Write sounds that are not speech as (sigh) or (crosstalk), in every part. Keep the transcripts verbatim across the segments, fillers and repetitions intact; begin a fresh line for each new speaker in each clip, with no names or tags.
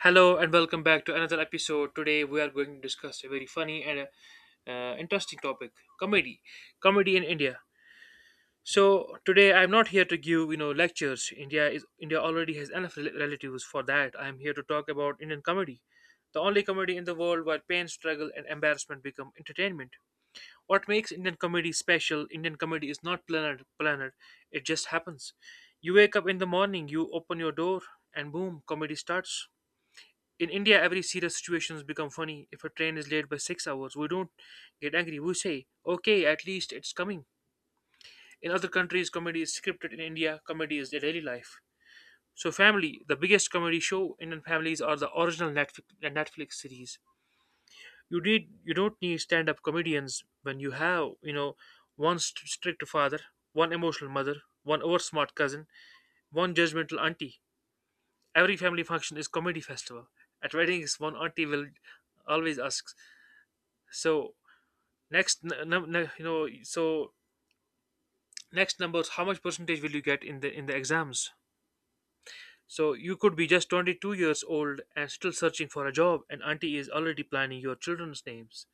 Hello and welcome back to another episode. Today we are going to discuss a very funny and uh, uh, interesting topic: comedy, comedy in India. So today I'm not here to give you know lectures. India is India already has enough rel- relatives for that. I'm here to talk about Indian comedy, the only comedy in the world where pain, struggle, and embarrassment become entertainment. What makes Indian comedy special? Indian comedy is not planned. Planned, it just happens. You wake up in the morning, you open your door, and boom, comedy starts. In India, every serious situation has become funny. If a train is late by six hours, we don't get angry. We say, okay, at least it's coming. In other countries, comedy is scripted. In India, comedy is their daily life. So, family, the biggest comedy show. Indian families are the original Netflix, Netflix series. You need, you don't need stand-up comedians when you have, you know, one st- strict father, one emotional mother, one oversmart cousin, one judgmental auntie. Every family function is comedy festival. At weddings, one auntie will always ask, So next, n- num- you know, so next numbers. How much percentage will you get in the in the exams? So you could be just twenty-two years old and still searching for a job, and auntie is already planning your children's names.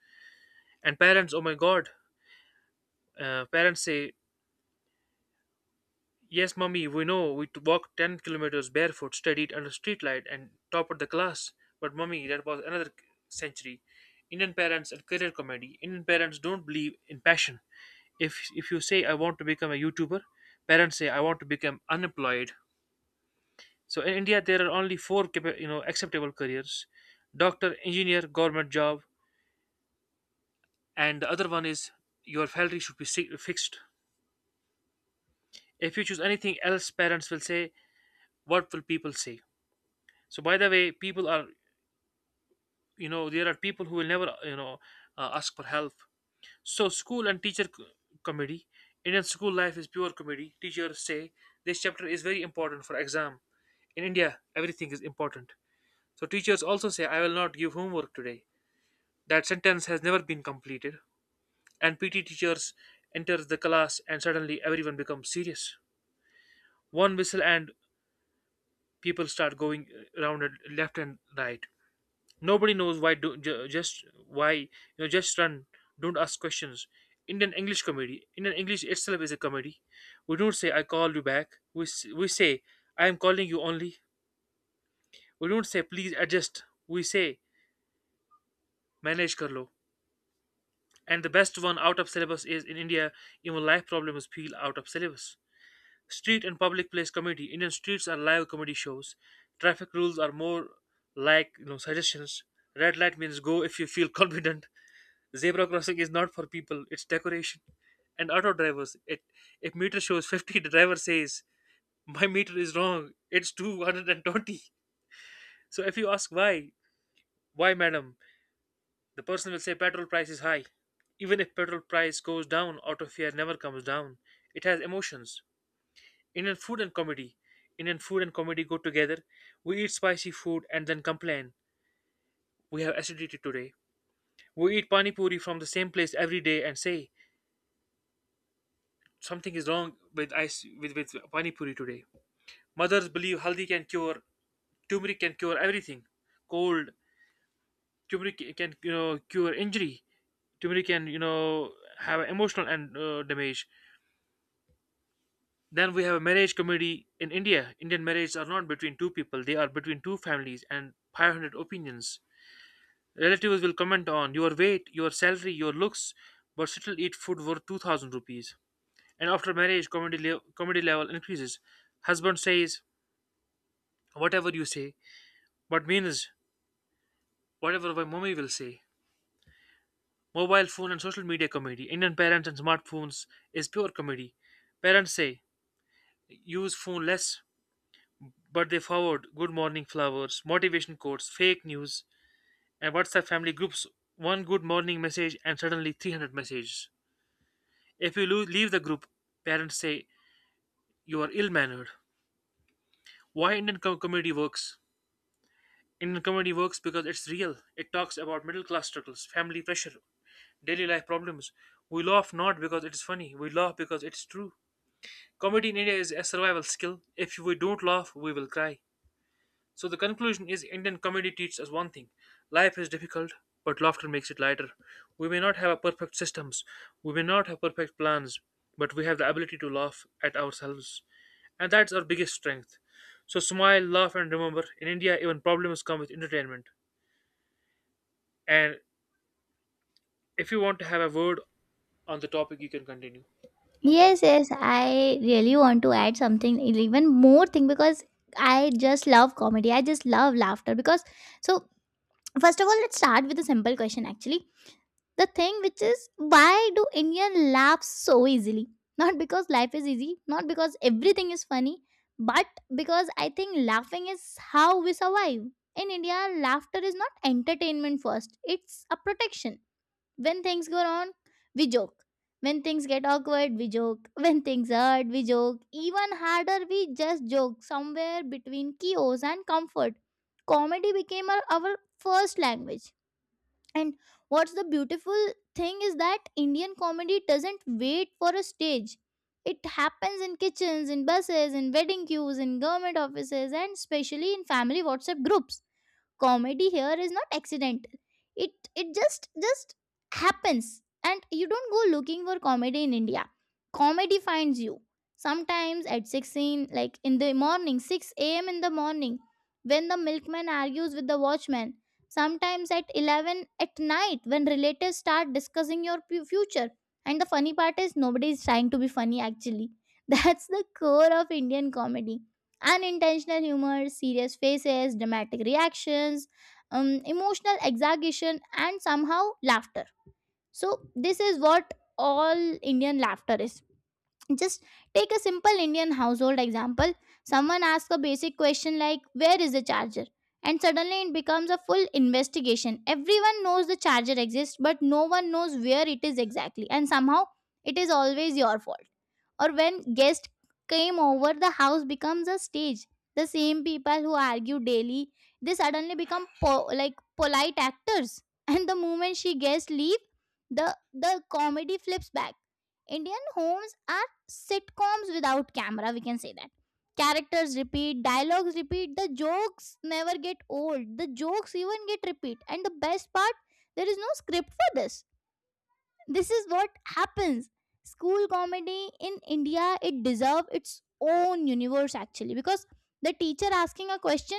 And parents, oh my God, uh, parents say, "Yes, mommy, we know. We t- walked ten kilometers barefoot, studied under streetlight, and topped the class. But mommy, that was another century." Indian parents and career comedy. Indian parents don't believe in passion. if if you say, "I want to become a youtuber," parents say, "I want to become unemployed." So in india, there are only four capa- you know acceptable careers: doctor, engineer, government job, and the other one is your salary should be si- fixed. If you choose anything else, parents will say, "What will people say?" So, by the way, people are you know there are people who will never you know uh, ask for help. So, school and teacher c- comedy. Indian school life is pure comedy. Teachers say, "This chapter is very important for exam." In India, everything is important. So teachers also say, "I will not give homework today." That sentence has never been completed. And P T teachers enter the class, and suddenly everyone becomes serious. One whistle and people start going around it left and right. Nobody knows why do ju- just why you know just run. Don't ask questions. Indian English comedy. Indian English itself is a comedy. We don't say, "I call you back." We s- we say, "I am calling you only." We don't say, "Please adjust." We say, "Manage kar." And the best one, out of syllabus: is in India, even life problems feel out of syllabus. Street and public place comedy. Indian streets are live comedy shows. Traffic rules are more like, you know suggestions. Red light means go if you feel (laughs) confident. Zebra crossing is not for people, it's decoration. And auto drivers, it if meter shows fifty, the driver says, "My meter is wrong, it's two hundred twenty" So if you ask why, "Why, madam?" The person will say, "Petrol price is high." Even if petrol price goes down, auto fare never comes down. It has emotions. Indian food and comedy. Indian food and comedy go together. We eat spicy food and then complain, "We have acidity today." We eat pani puri from the same place every day and say, "Something is wrong with ice with, with pani puri today." Mothers believe haldi can cure, turmeric can cure everything: cold. Turmeric can you know cure injury. Turmeric can you know have emotional and uh, damage. Then we have a marriage committee in India. Indian marriages are not between two people, they are between two families and five hundred opinions. Relatives will comment on your weight, your salary, your looks, but still eat food worth two thousand rupees. And after marriage, comedy, le- comedy level increases. Husband says, "Whatever you say," but means, "Whatever my mommy will say." Mobile phone and social media comedy. Indian parents and smartphones is pure comedy. Parents say, "Use phone less." But they forward good morning flowers, motivation quotes, fake news, and WhatsApp family groups. One good morning message and suddenly three hundred messages. If you lo- leave the group, parents say, "You are ill mannered." Why Indian com- comedy works? Indian comedy works because it's real. It talks about middle class struggles, family pressure, daily life problems. We laugh not because it is funny, we laugh because it's true. Comedy in India is a survival skill. If we don't laugh, we will cry. So the conclusion is, Indian comedy teaches us one thing: life is difficult, but laughter makes it lighter. We may not have a perfect systems, we may not have perfect plans, but we have the ability to laugh at ourselves. And that's our biggest strength. So smile, laugh, and remember, in India, even problems come with entertainment. And if you want to have a word on the topic, you can continue.
Yes, yes, I really want to add something, even more thing, because I just love comedy. I just love laughter. Because, so, First of all, let's start with a simple question actually. The thing which is, why do Indian laugh so easily? (laughs) Not because life is easy, not because everything is funny, but because I think laughing is how we survive. In India, laughter is not entertainment first, it's a protection. When things go wrong, we joke. When things get awkward, we joke. (laughs) When things hurt, we joke. Even harder, we just joke. Somewhere between chaos and comfort, comedy became our, our first language. And what's the beautiful thing is that Indian comedy doesn't wait for a stage. It happens in kitchens, in buses, in wedding queues, in government offices, and especially in family WhatsApp groups. Comedy here is not accidental. It it just just happens. And you don't go looking for comedy in India, comedy finds you. Sometimes at sixteen, like in the morning, six a.m in the morning, when the milkman argues with the watchman. Sometimes at eleven at night, when relatives start discussing your pu- future. And the funny part is, nobody is trying to be funny actually. (laughs) That's the core of Indian comedy: unintentional humor, serious faces, dramatic reactions, um, emotional exaggeration, and somehow laughter. So this is what all Indian laughter is. Just take a simple Indian household example. Someone asks a basic question like, "Where is the charger?" And suddenly it becomes a full investigation. Everyone knows the charger exists, but no one knows where it is exactly. And somehow it is always your fault. Or when guests came over, the house becomes a stage. The same people who argue daily, they suddenly become po- like polite actors. (laughs) And the moment she guests leave, the the comedy flips back. Indian homes are sitcoms without camera, we can say that. Characters repeat, dialogues repeat, the jokes never get old, the jokes even get repeat, and the best part, there is no script for this. This is what happens. School comedy in India, it deserve its own universe actually, because the teacher asking a question,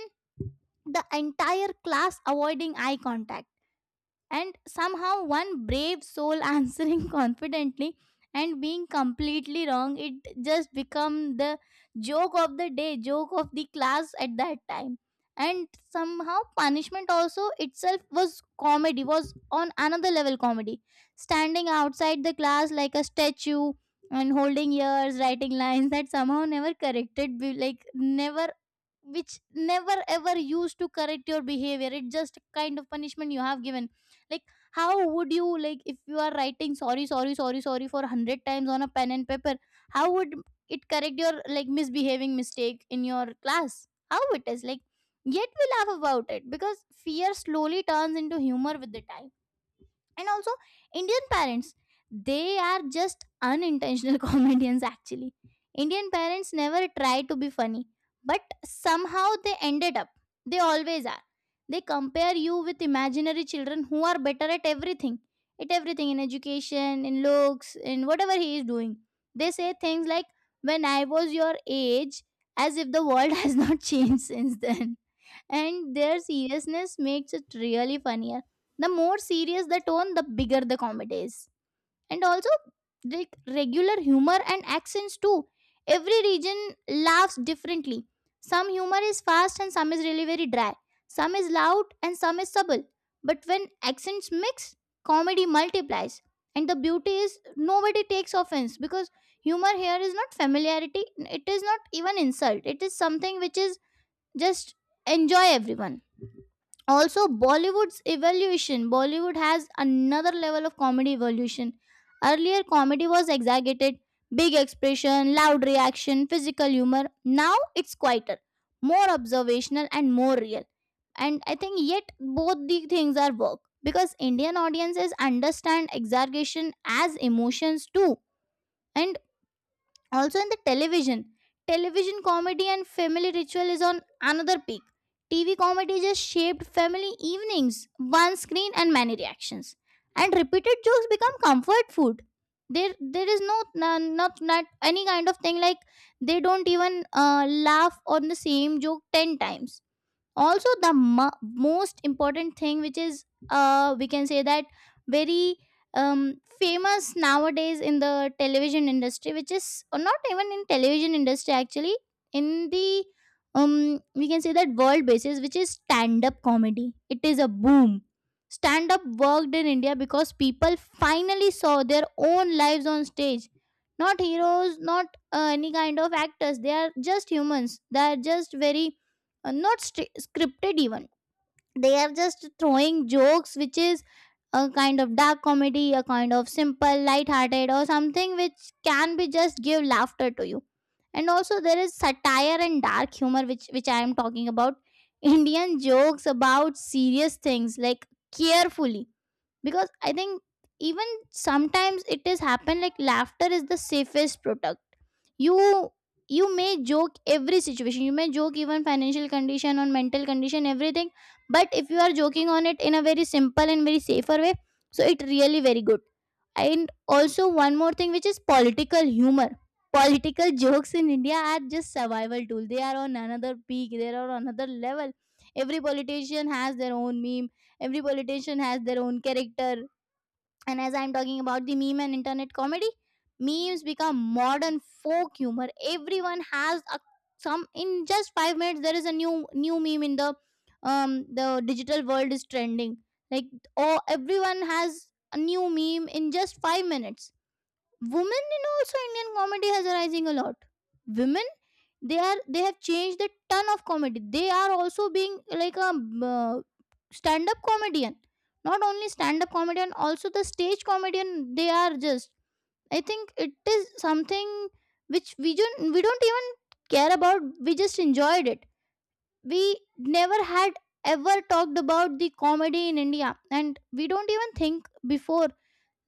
the entire class avoiding eye contact, and somehow one brave soul (laughs) answering confidently and being completely wrong, it just become the joke of the day, joke of the class at that time. And somehow punishment also itself was comedy, was on another level comedy. Standing outside the class like a statue, and holding ears, writing lines (laughs) that somehow never corrected, be- like never, which never ever used to correct your behavior, it just kind of punishment you have given. Like, how would you like if you are writing sorry sorry sorry sorry for a hundred times on a pen and paper? How would it correct your like misbehaving mistake in your class? How it is like? Yet we laugh about it because fear slowly turns into humor with the time. And also, Indian parents, they are just unintentional (laughs) comedians actually. Indian parents never try to be funny, but somehow they ended up, they always are. They compare you with imaginary children who are better at everything, at everything, in education, in looks, in whatever he is doing. They say things like, when I was your age, as if the world (laughs) has not changed since then. And their seriousness makes it really funnier. The more serious the tone, the bigger the comedy is. And also, like regular humor and accents too. Every region laughs differently. Some humor is fast and some is really very dry. Some is loud and some is subtle. But when accents mix, comedy multiplies. And the beauty is nobody takes offense, because humor here is not familiarity, it is not even insult. It is something which is just enjoy everyone. Also Bollywood's evolution, Bollywood has another level of comedy evolution. Earlier comedy was exaggerated, big expression, loud reaction, physical humor. Now it's quieter, more observational and more real. And I think yet both the things are work, because Indian audiences understand exaggeration as emotions too. And also, in the television, television comedy and family ritual is on another peak. TV comedy just shaped family evenings, one screen and many reactions, and repeated jokes become comfort food. There there is no no- not not any kind of thing like, they don't even uh, laugh on the same joke ten times. Also the mo- most important thing, which is, uh we can say that, very um famous nowadays in the television industry, which is, or not even in television industry actually, in the, um we can say that world basis, which is stand up comedy, it is a boom. Stand up worked in India because people finally saw their own lives on stage. Not heroes, not uh, any kind of actors, they are just humans, they are just very uh, not stri scripted even. They are just throwing jokes, which is a kind of dark comedy, a kind of simple light-hearted, or something which can be just give laughter to you. And also there is satire and dark humor, which which I am talking about. Indian jokes about serious things, like, carefully, because I think, even sometimes it is happen, like, laughter is the safest product. you you may joke every situation, you may joke even financial condition on mental condition, everything. But if you are joking on it in a very simple and very safer way, so it really very good. And also one more thing, which is political humor. Political jokes in India are just survival tool, they are on another peak, they are on another level. Every politician has their own meme. Every politician has their own character. And as I'm talking about the meme and internet comedy, memes become modern folk humor. Everyone has a some, in just five minutes there is a new new meme in the, um, the digital world is trending. Like, oh, everyone has a new meme in just five minutes. Women in also Indian comedy has arising a lot. Women, they are they have changed the ton of comedy. They are also being like a uh, stand up comedian. Not only stand up comedian, also the stage comedian. They are just. I think it is something which we don't we don't even care about. We just enjoyed it. We never had ever talked about the comedy in India, and we don't even think before,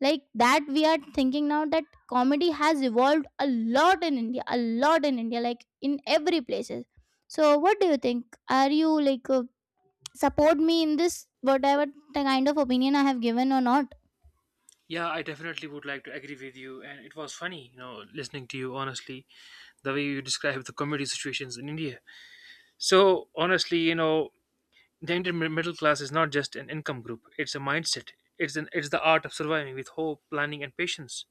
like, that we are thinking now that comedy has evolved a lot in India, a lot in India, like, in every places. So what do you think, are you like, uh, support me in this, whatever the kind of opinion I have given or not?
Yeah, I definitely would like to agree with you. And it was funny, you know, listening to you, honestly, the way you describe the comedy situations in India. So, honestly, you know, the Indian mi- middle class is not just an income group; it's a mindset. It's an it's the art of surviving with hope, planning, and patience.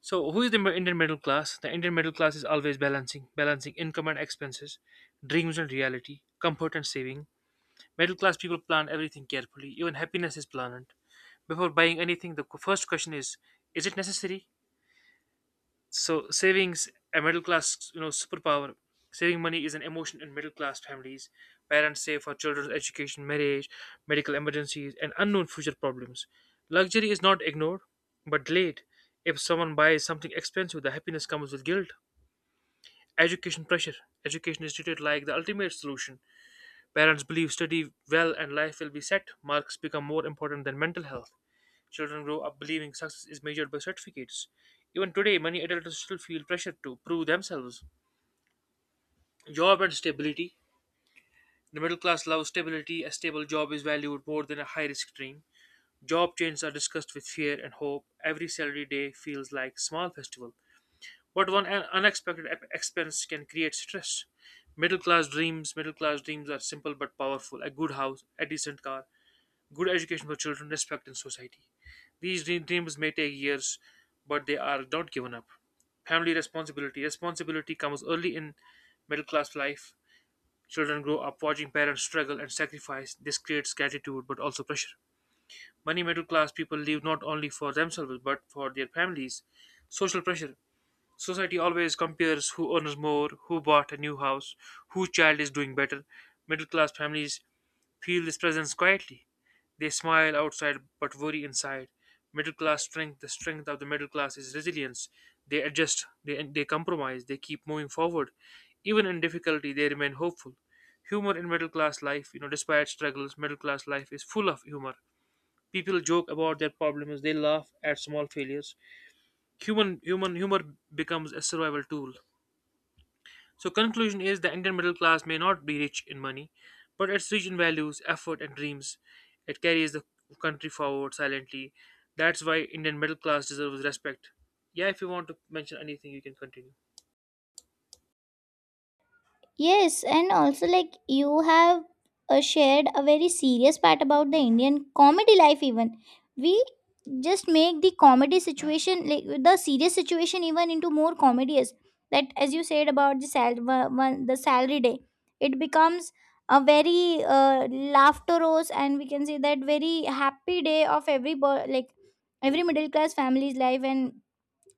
So, who is the mi- Indian middle class? The Indian middle class is always balancing balancing income and expenses, dreams and reality, comfort and saving. Middle class people plan everything carefully. Even happiness is planned. Before buying anything, the qu- first question is: is it necessary? So, savings, a middle class you know superpower. Saving money is an emotion in middle class families. Parents save for children's education, marriage, medical emergencies, and unknown future problems. Luxury is not ignored, but delayed. If someone buys something expensive, the happiness comes with guilt. Education pressure. Education is treated like the ultimate solution. Parents believe, study well and life will be set. Marks become more important than mental health. Children grow up believing success is measured by certificates. Even today, many adults still feel pressure to prove themselves. Job and stability. The middle class loves stability. A stable job is valued more than a high risk dream. Job changes are discussed with fear and hope. Every salary day feels like a small festival. But one un- unexpected ep- expense can create stress. Middle class dreams. Middle class dreams are simple but powerful. A good house, a decent car, good education for children, respect in society. These dream- dreams may take years, but they are not given up. Family responsibility. Responsibility comes early in middle class life. Children grow up watching parents struggle and sacrifice. This creates gratitude but also pressure. Many middle class people live not only for themselves but for their families. Social pressure. Society always compares who earns more, who bought a new house, whose child is doing better. Middle class families feel this presence quietly. They smile outside but worry inside. Middle class strength. The strength of the middle class is resilience. They adjust, they, they compromise, they keep moving forward. Even in difficulty, they remain hopeful. Humor in middle class life. You know, despite struggles, middle class life is full of humor. People joke about their problems, they laugh at small failures. Human human humor becomes a survival tool. So conclusion is, the Indian middle class may not be rich in money, but it's rich in values, effort, and dreams. It carries the country forward silently. That's why Indian middle class deserves respect. Yeah, if you want to mention anything, you can continue.
Yes, and also like you have uh, shared a very serious part about the Indian comedy life. Even we just make the comedy situation like the serious situation even into more comedious. That, as you said about the sal- wa- one- the salary day, it becomes a very uh, laughterous, and we can say that very happy day of every bo- like every middle class family's life and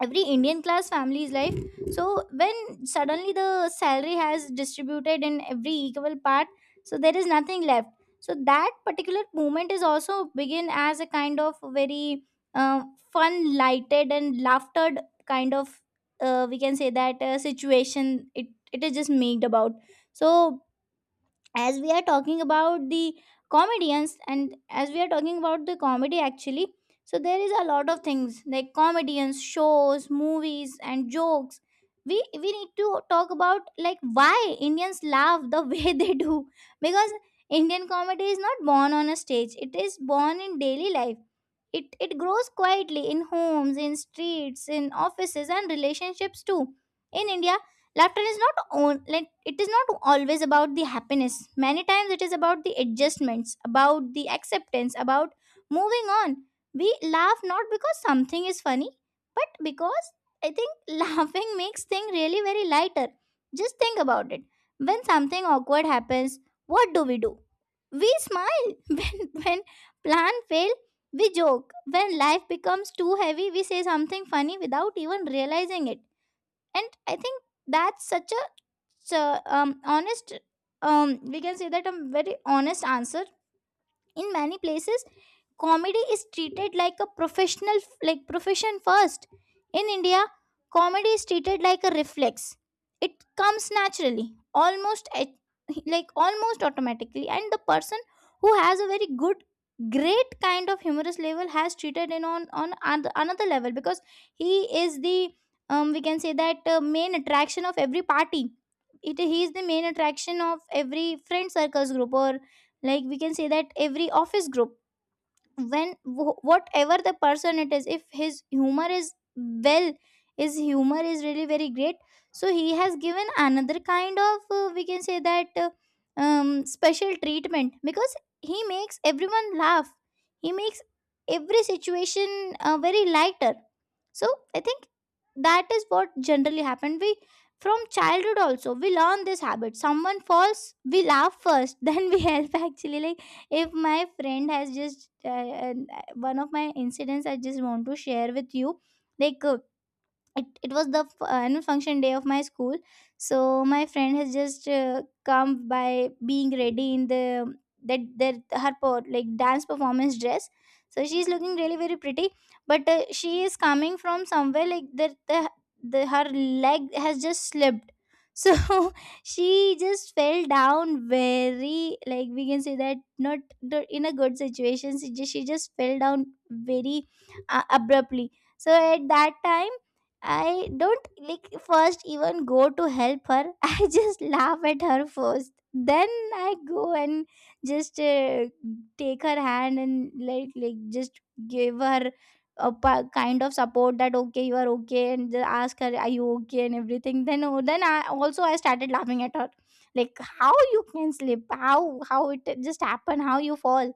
every Indian class family's life. So when suddenly the salary has distributed in every equal part, so there is nothing left. So that particular moment is also begin as a kind of very uh, fun lighted and laughter kind of, uh, we can say that, uh, situation, it it is just made about. So as we are talking about the comedians, and as we are talking about the comedy actually, so there is a lot of things like comedians, shows, movies and jokes. We we need to talk about like why Indians laugh the (laughs) way they do. Because Indian comedy is not born on a stage, it is born in daily life. It it grows quietly in homes, in streets, in offices and relationships too. In India, laughter is not on, like it is not always about the happiness, many times it is about the adjustments, about the acceptance, about moving on. We laugh not because something is funny, but because I think (laughs) laughing makes things really very lighter. Just think about it. When something awkward happens, what do we do? We smile. (laughs) when when plan fail, we joke. When life becomes too heavy, we say something funny without even realizing it. And I think that's such a, so, um honest, um, we can say that, a very honest answer. In many places, comedy is treated like a professional, like profession first. In India, comedy is treated like a reflex. It comes naturally, almost at- like almost automatically. And the person who has a very good, great kind of humorous level has treated in on on an- another level, because he is the, um, we can say that, uh, main attraction of every party. It He is the main attraction of every friend circles group, or, like we can say that, every office group. When wh- whatever the person it is, if his humor is well, his humor is really very great, so he has given another kind of uh, we can say that uh, um, special treatment because he makes everyone laugh. He makes every situation uh, very lighter. So I think that is what generally happened. We from childhood also we learn this habit. Someone falls, we laugh first, (laughs) then we help actually. Like if my friend has just uh, uh, one of my incidents I just want to share with you. Like uh, it, it was the f- uh, annual function day of my school. So my friend has just uh, come by being ready in the that that her per- like dance performance dress. So she's looking really very pretty, but uh, she is coming from somewhere like that the, the her leg has just slipped. So (laughs) she just fell down very, like we can say that not not in a good situation. She just, she just fell down very uh, abruptly. So at that time I don't like first even go to help her. (laughs) I just laugh at her first. Then I go and just uh, take her hand and, like like just give her a pa- kind of support that, okay, you are okay, and just ask her, are you okay and everything. Then, oh, then I also I started laughing at her, like how you can slip, how how it just happened, how you fall.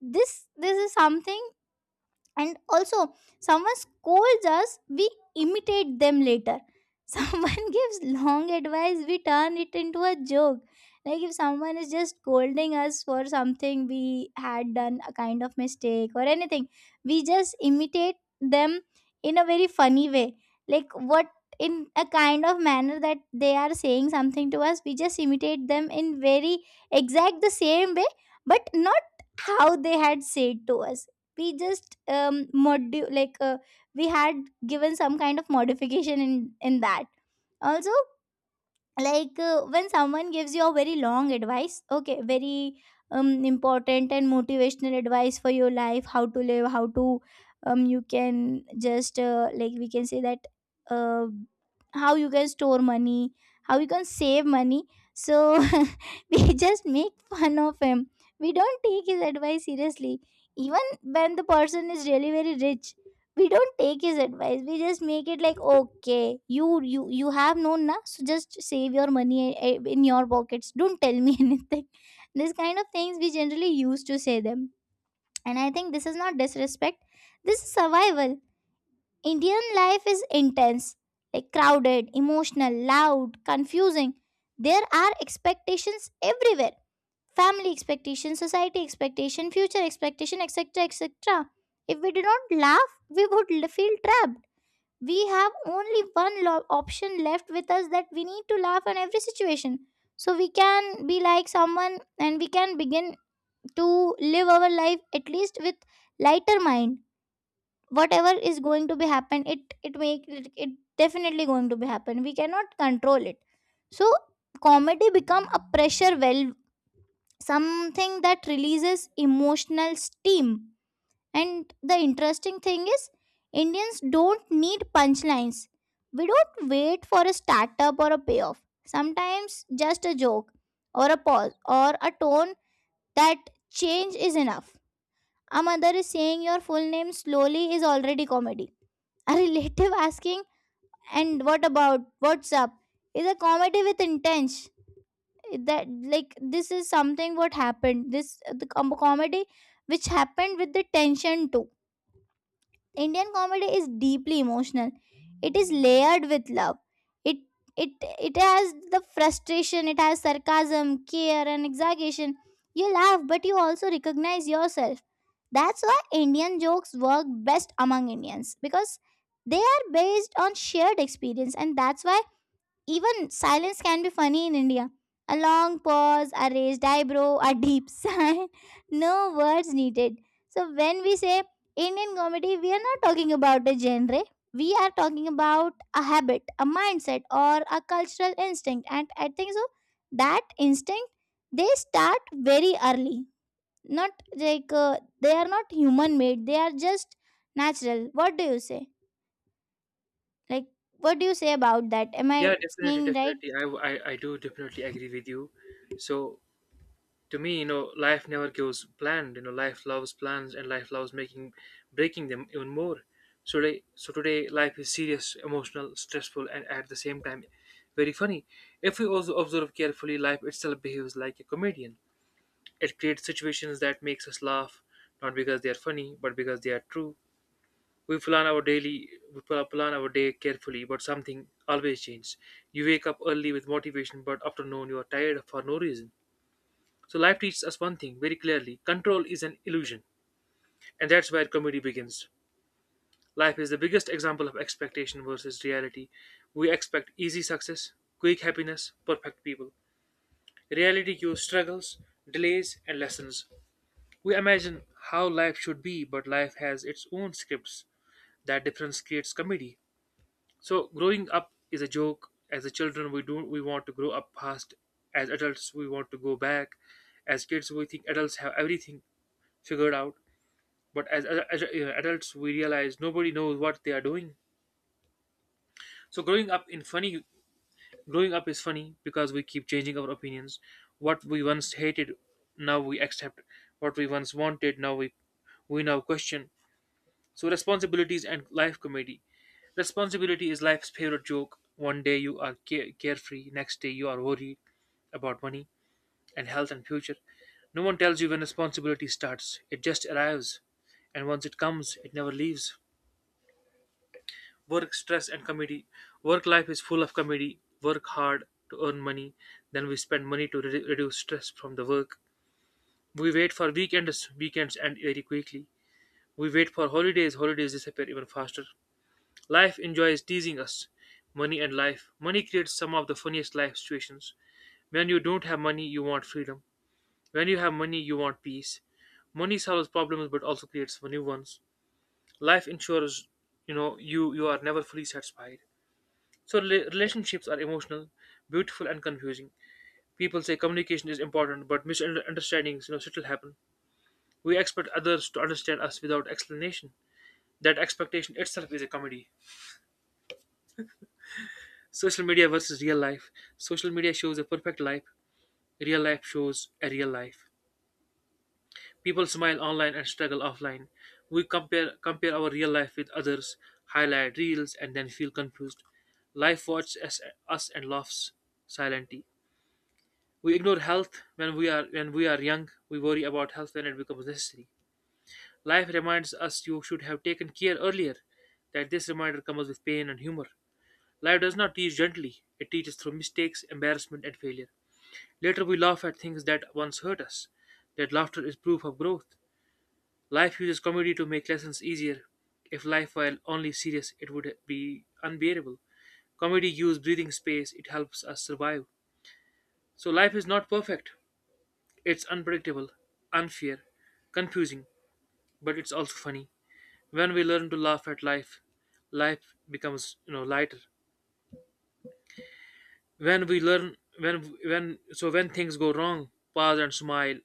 This this is something. And also, someone scolds us, we imitate them later. (laughs) Someone gives long advice, we turn it into a joke. Like if someone is just scolding us for something we had done, a kind of mistake or anything, we just imitate them in a very funny way. Like what, in a kind of manner that they are saying something to us, we just imitate them in very exact the same way, but not how they had said to us. We just um modu- like uh, we had given some kind of modification in in that also. Like uh, when someone gives you a very long advice, okay, very um, important and motivational advice for your life, how to live, how to um, you can just uh, like we can say that uh, how you can store money, how you can save money. So (laughs) we just make fun of him. We don't take his advice seriously, even when the person is really very rich. We don't take his advice. We just make it like, okay, you you you have known na, so just save your money eh, eh, in your pockets, don't tell me (laughs) anything. This kind of things we generally used to say them. And I think this is not disrespect, this is survival. Indian life is intense, like crowded, emotional, loud, confusing. There are expectations everywhere. Family expectation, society expectation, future expectation, etc, etc. If we did not laugh, we would l- feel trapped. We have only one lo- option left with us, that we need to laugh on every situation. So we can be like someone, and we can begin to live our life, at least with lighter mind. Whatever is going to be happen, it it make it, it definitely going to be happen, we cannot control it. So comedy become a pressure, well, something that releases emotional steam. And the interesting thing is, Indians don't need punchlines. We don't wait for a startup or a payoff. Sometimes just a joke or a pause or a tone that change is enough. A mother is saying your full name slowly is already comedy. A relative (laughs) asking, and what about? What's up? Is a comedy with intent. That, like this is something what happened. This the com- comedy which happened with the tension too. Indian comedy is deeply emotional. It is layered with love. It it it has the frustration, it has sarcasm, care and exaggeration. You laugh, but you also recognize yourself. That's why Indian jokes work best among Indians, because they are based on shared experience. And that's why even silence can be funny in India. A long pause, a raised eyebrow, a deep (laughs) sigh. No words needed. So when we say Indian comedy, we are not talking about a genre. We are talking about a habit, a mindset, or a cultural instinct. And I think so, that instinct, they start very early. Not like uh, they are not human made. They are just natural. What do you say? Like what do you say about that? Am
Yeah,
I
definitely,
saying right?
definitely. I, I, I do definitely agree with you. So, to me, you know life never goes planned. You know life loves plans, and life loves making breaking them even more. So today so today life is serious, emotional, stressful, and at the same time very funny. If we also observe carefully, life itself behaves like a comedian. It creates situations that makes us laugh, not because they are funny, but because they are true. We plan our daily we pl- plan our day carefully, but something always changes. You wake up early with motivation, but after noon you are tired for no reason. So life teaches us one thing very clearly: control is an illusion. And that's where comedy begins. Life is the biggest example of expectation versus reality. We expect easy success, quick happiness, perfect people. Reality gives struggles, delays, and lessons. We imagine how life should be, but life has its own scripts. That difference creates comedy. So growing up is a joke. As a children, we do we want to grow up fast. As adults, we want to go back. As kids, we think adults have everything figured out. But as, as, as uh, adults, we realize nobody knows what they are doing. So growing up in funny, growing up is funny because we keep changing our opinions. What we once hated, now we accept. What we once wanted, now we we now question. So responsibilities and life comedy. Responsibility is life's favorite joke. One day you are care- carefree, next day you are worried about money and health and future. No one tells you when responsibility starts. It just arrives, and once it comes, it never leaves. Work, stress, and comedy. Work life is full of comedy. Work hard to earn money, then we spend money to re- reduce stress from the work. We wait for weekends, weekends end very quickly. We wait for holidays, holidays disappear even faster. Life enjoys teasing us. Money and life. Money creates some of the funniest life situations. When you don't have money, you want freedom. When you have money, you want peace. Money solves problems but also creates new ones. Life ensures you know you you are never fully satisfied. So rela- relationships are emotional, beautiful, and confusing. People say communication is important, but misunderstandings, you know, still happen. We expect others to understand us without explanation. That expectation itself is a comedy. Social media versus real life. Social media shows a perfect life. Real life shows a real life. People smile online and struggle offline. We compare compare our real life with others, highlight reels, and then feel confused. Life watches us us and laughs silently. We ignore health when we are when we are young. We worry about health when it becomes necessary. Life reminds us you should have taken care earlier. That this reminder comes with pain and humor. Life does not teach gently. It teaches through mistakes, embarrassment, and failure. Later we laugh at things that once hurt us. That laughter is proof of growth. Life uses comedy to make lessons easier. If life were only serious, it would be unbearable. Comedy gives breathing space, it helps us survive. So life is not perfect. It's unpredictable, unfair, confusing, but it's also funny. When we learn to laugh at life, life becomes you know lighter. When we learn when when so when things go wrong, pause and smile.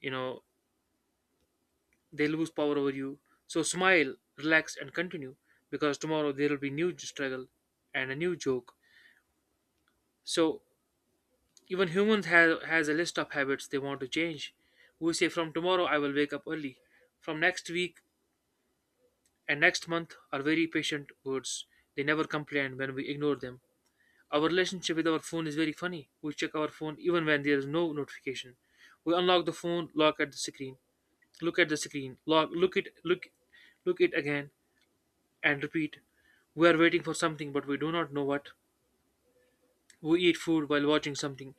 You know they lose power over you. So smile, relax, and continue because tomorrow there will be new struggle and a new joke. So even humans have has a list of habits they want to change. We say from tomorrow I will wake up early. From next week and next month are very patient words. They never complain when we ignore them. Our relationship with our phone is very funny. We check our phone even when there is no notification. We unlock the phone, look at the screen, look at the screen, lock, look it, look, look it again, and repeat. We are waiting for something, but we do not know what. We eat food while watching something.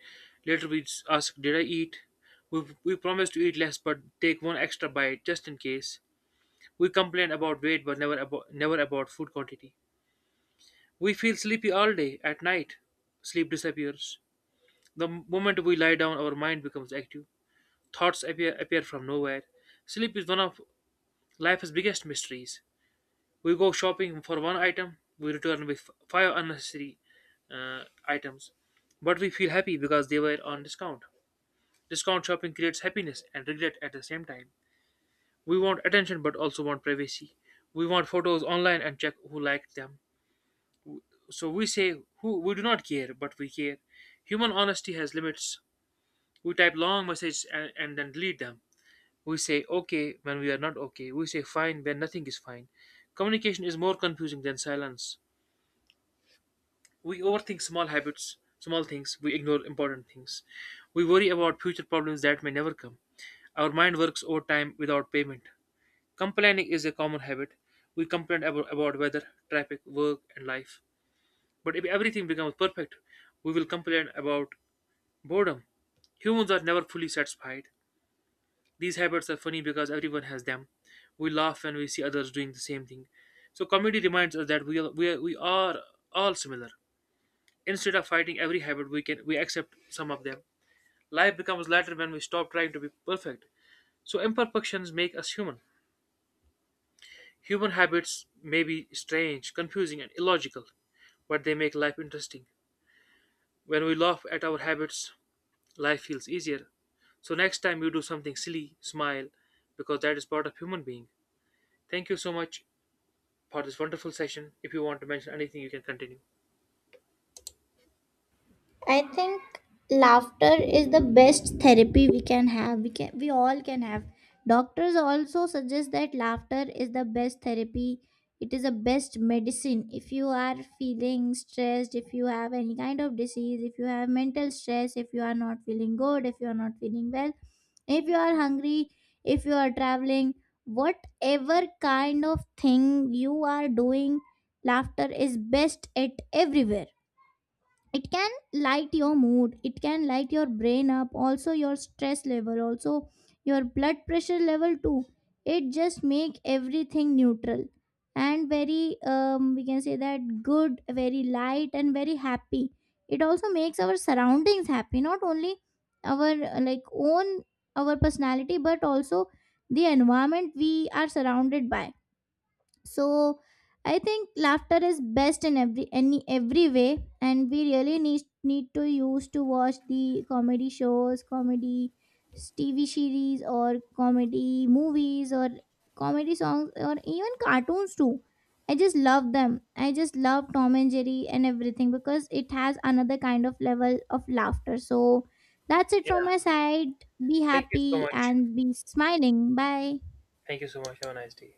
Later we ask, "Did I eat?" We, we promise to eat less, but take one extra bite just in case. We complain about weight, but never about never about food quantity. We feel sleepy all day. At night, sleep disappears. The moment we lie down, our mind becomes active. Thoughts appear, appear from nowhere. Sleep is one of life's biggest mysteries. We go shopping for one item, we return with f- five unnecessary uh, items. But we feel happy because they were on discount. Discount shopping creates happiness and regret at the same time. We want attention but also want privacy. We want photos online and check who liked them. So we say who we do not care, but we care. Human honesty has limits. We type long messages and, and then delete them. We say okay when we are not okay. We say fine when nothing is fine. Communication is more confusing than silence. We overthink small habits, small things. We ignore important things. We worry about future problems that may never come. Our mind works overtime without payment. Complaining is a common habit. We complain about, about weather, traffic, work, and life. But if everything becomes perfect, we will complain about boredom. Humans are never fully satisfied. These habits are funny because everyone has them. We laugh when we see others doing the same thing. So comedy reminds us that we are, we are, we are all similar. Instead of fighting every habit, we can we accept some of them. Life becomes lighter when we stop trying to be perfect. So imperfections make us human. Human habits may be strange, confusing, and illogical, but they make life interesting. When we laugh at our habits, life feels easier. So next time you do something silly, smile, because that is part of human being. Thank you so much for this wonderful session. If you want to mention anything, you can continue.
I think laughter is the best therapy we can have. We can we all can have. Doctors also suggest that laughter is the best therapy. It is the best medicine. If you are feeling stressed, if you have any kind of disease, if you have mental stress, if you are not feeling good, if you are not feeling well, if you are hungry, if you are traveling, whatever kind of thing you are doing, laughter is best at everywhere. It can light your mood, it can light your brain up, also your stress level also, your blood pressure level too. It just make everything neutral and very, um, we can say that, good, very light and very happy. It also makes our surroundings happy, not only our uh, like own, our personality, but also the environment we are surrounded by. So I think laughter is best in every, any, every way, and we really need need to use to watch the comedy shows, comedy TV series, or comedy movies, or comedy songs, or even cartoons too. I just love them. I just love Tom and Jerry and everything, because it has another kind of level of laughter. So that's it from
Yeah.
my side. Be
Thank you so
happy
much.
and be smiling. Bye.
Thank you so much. Have a nice day.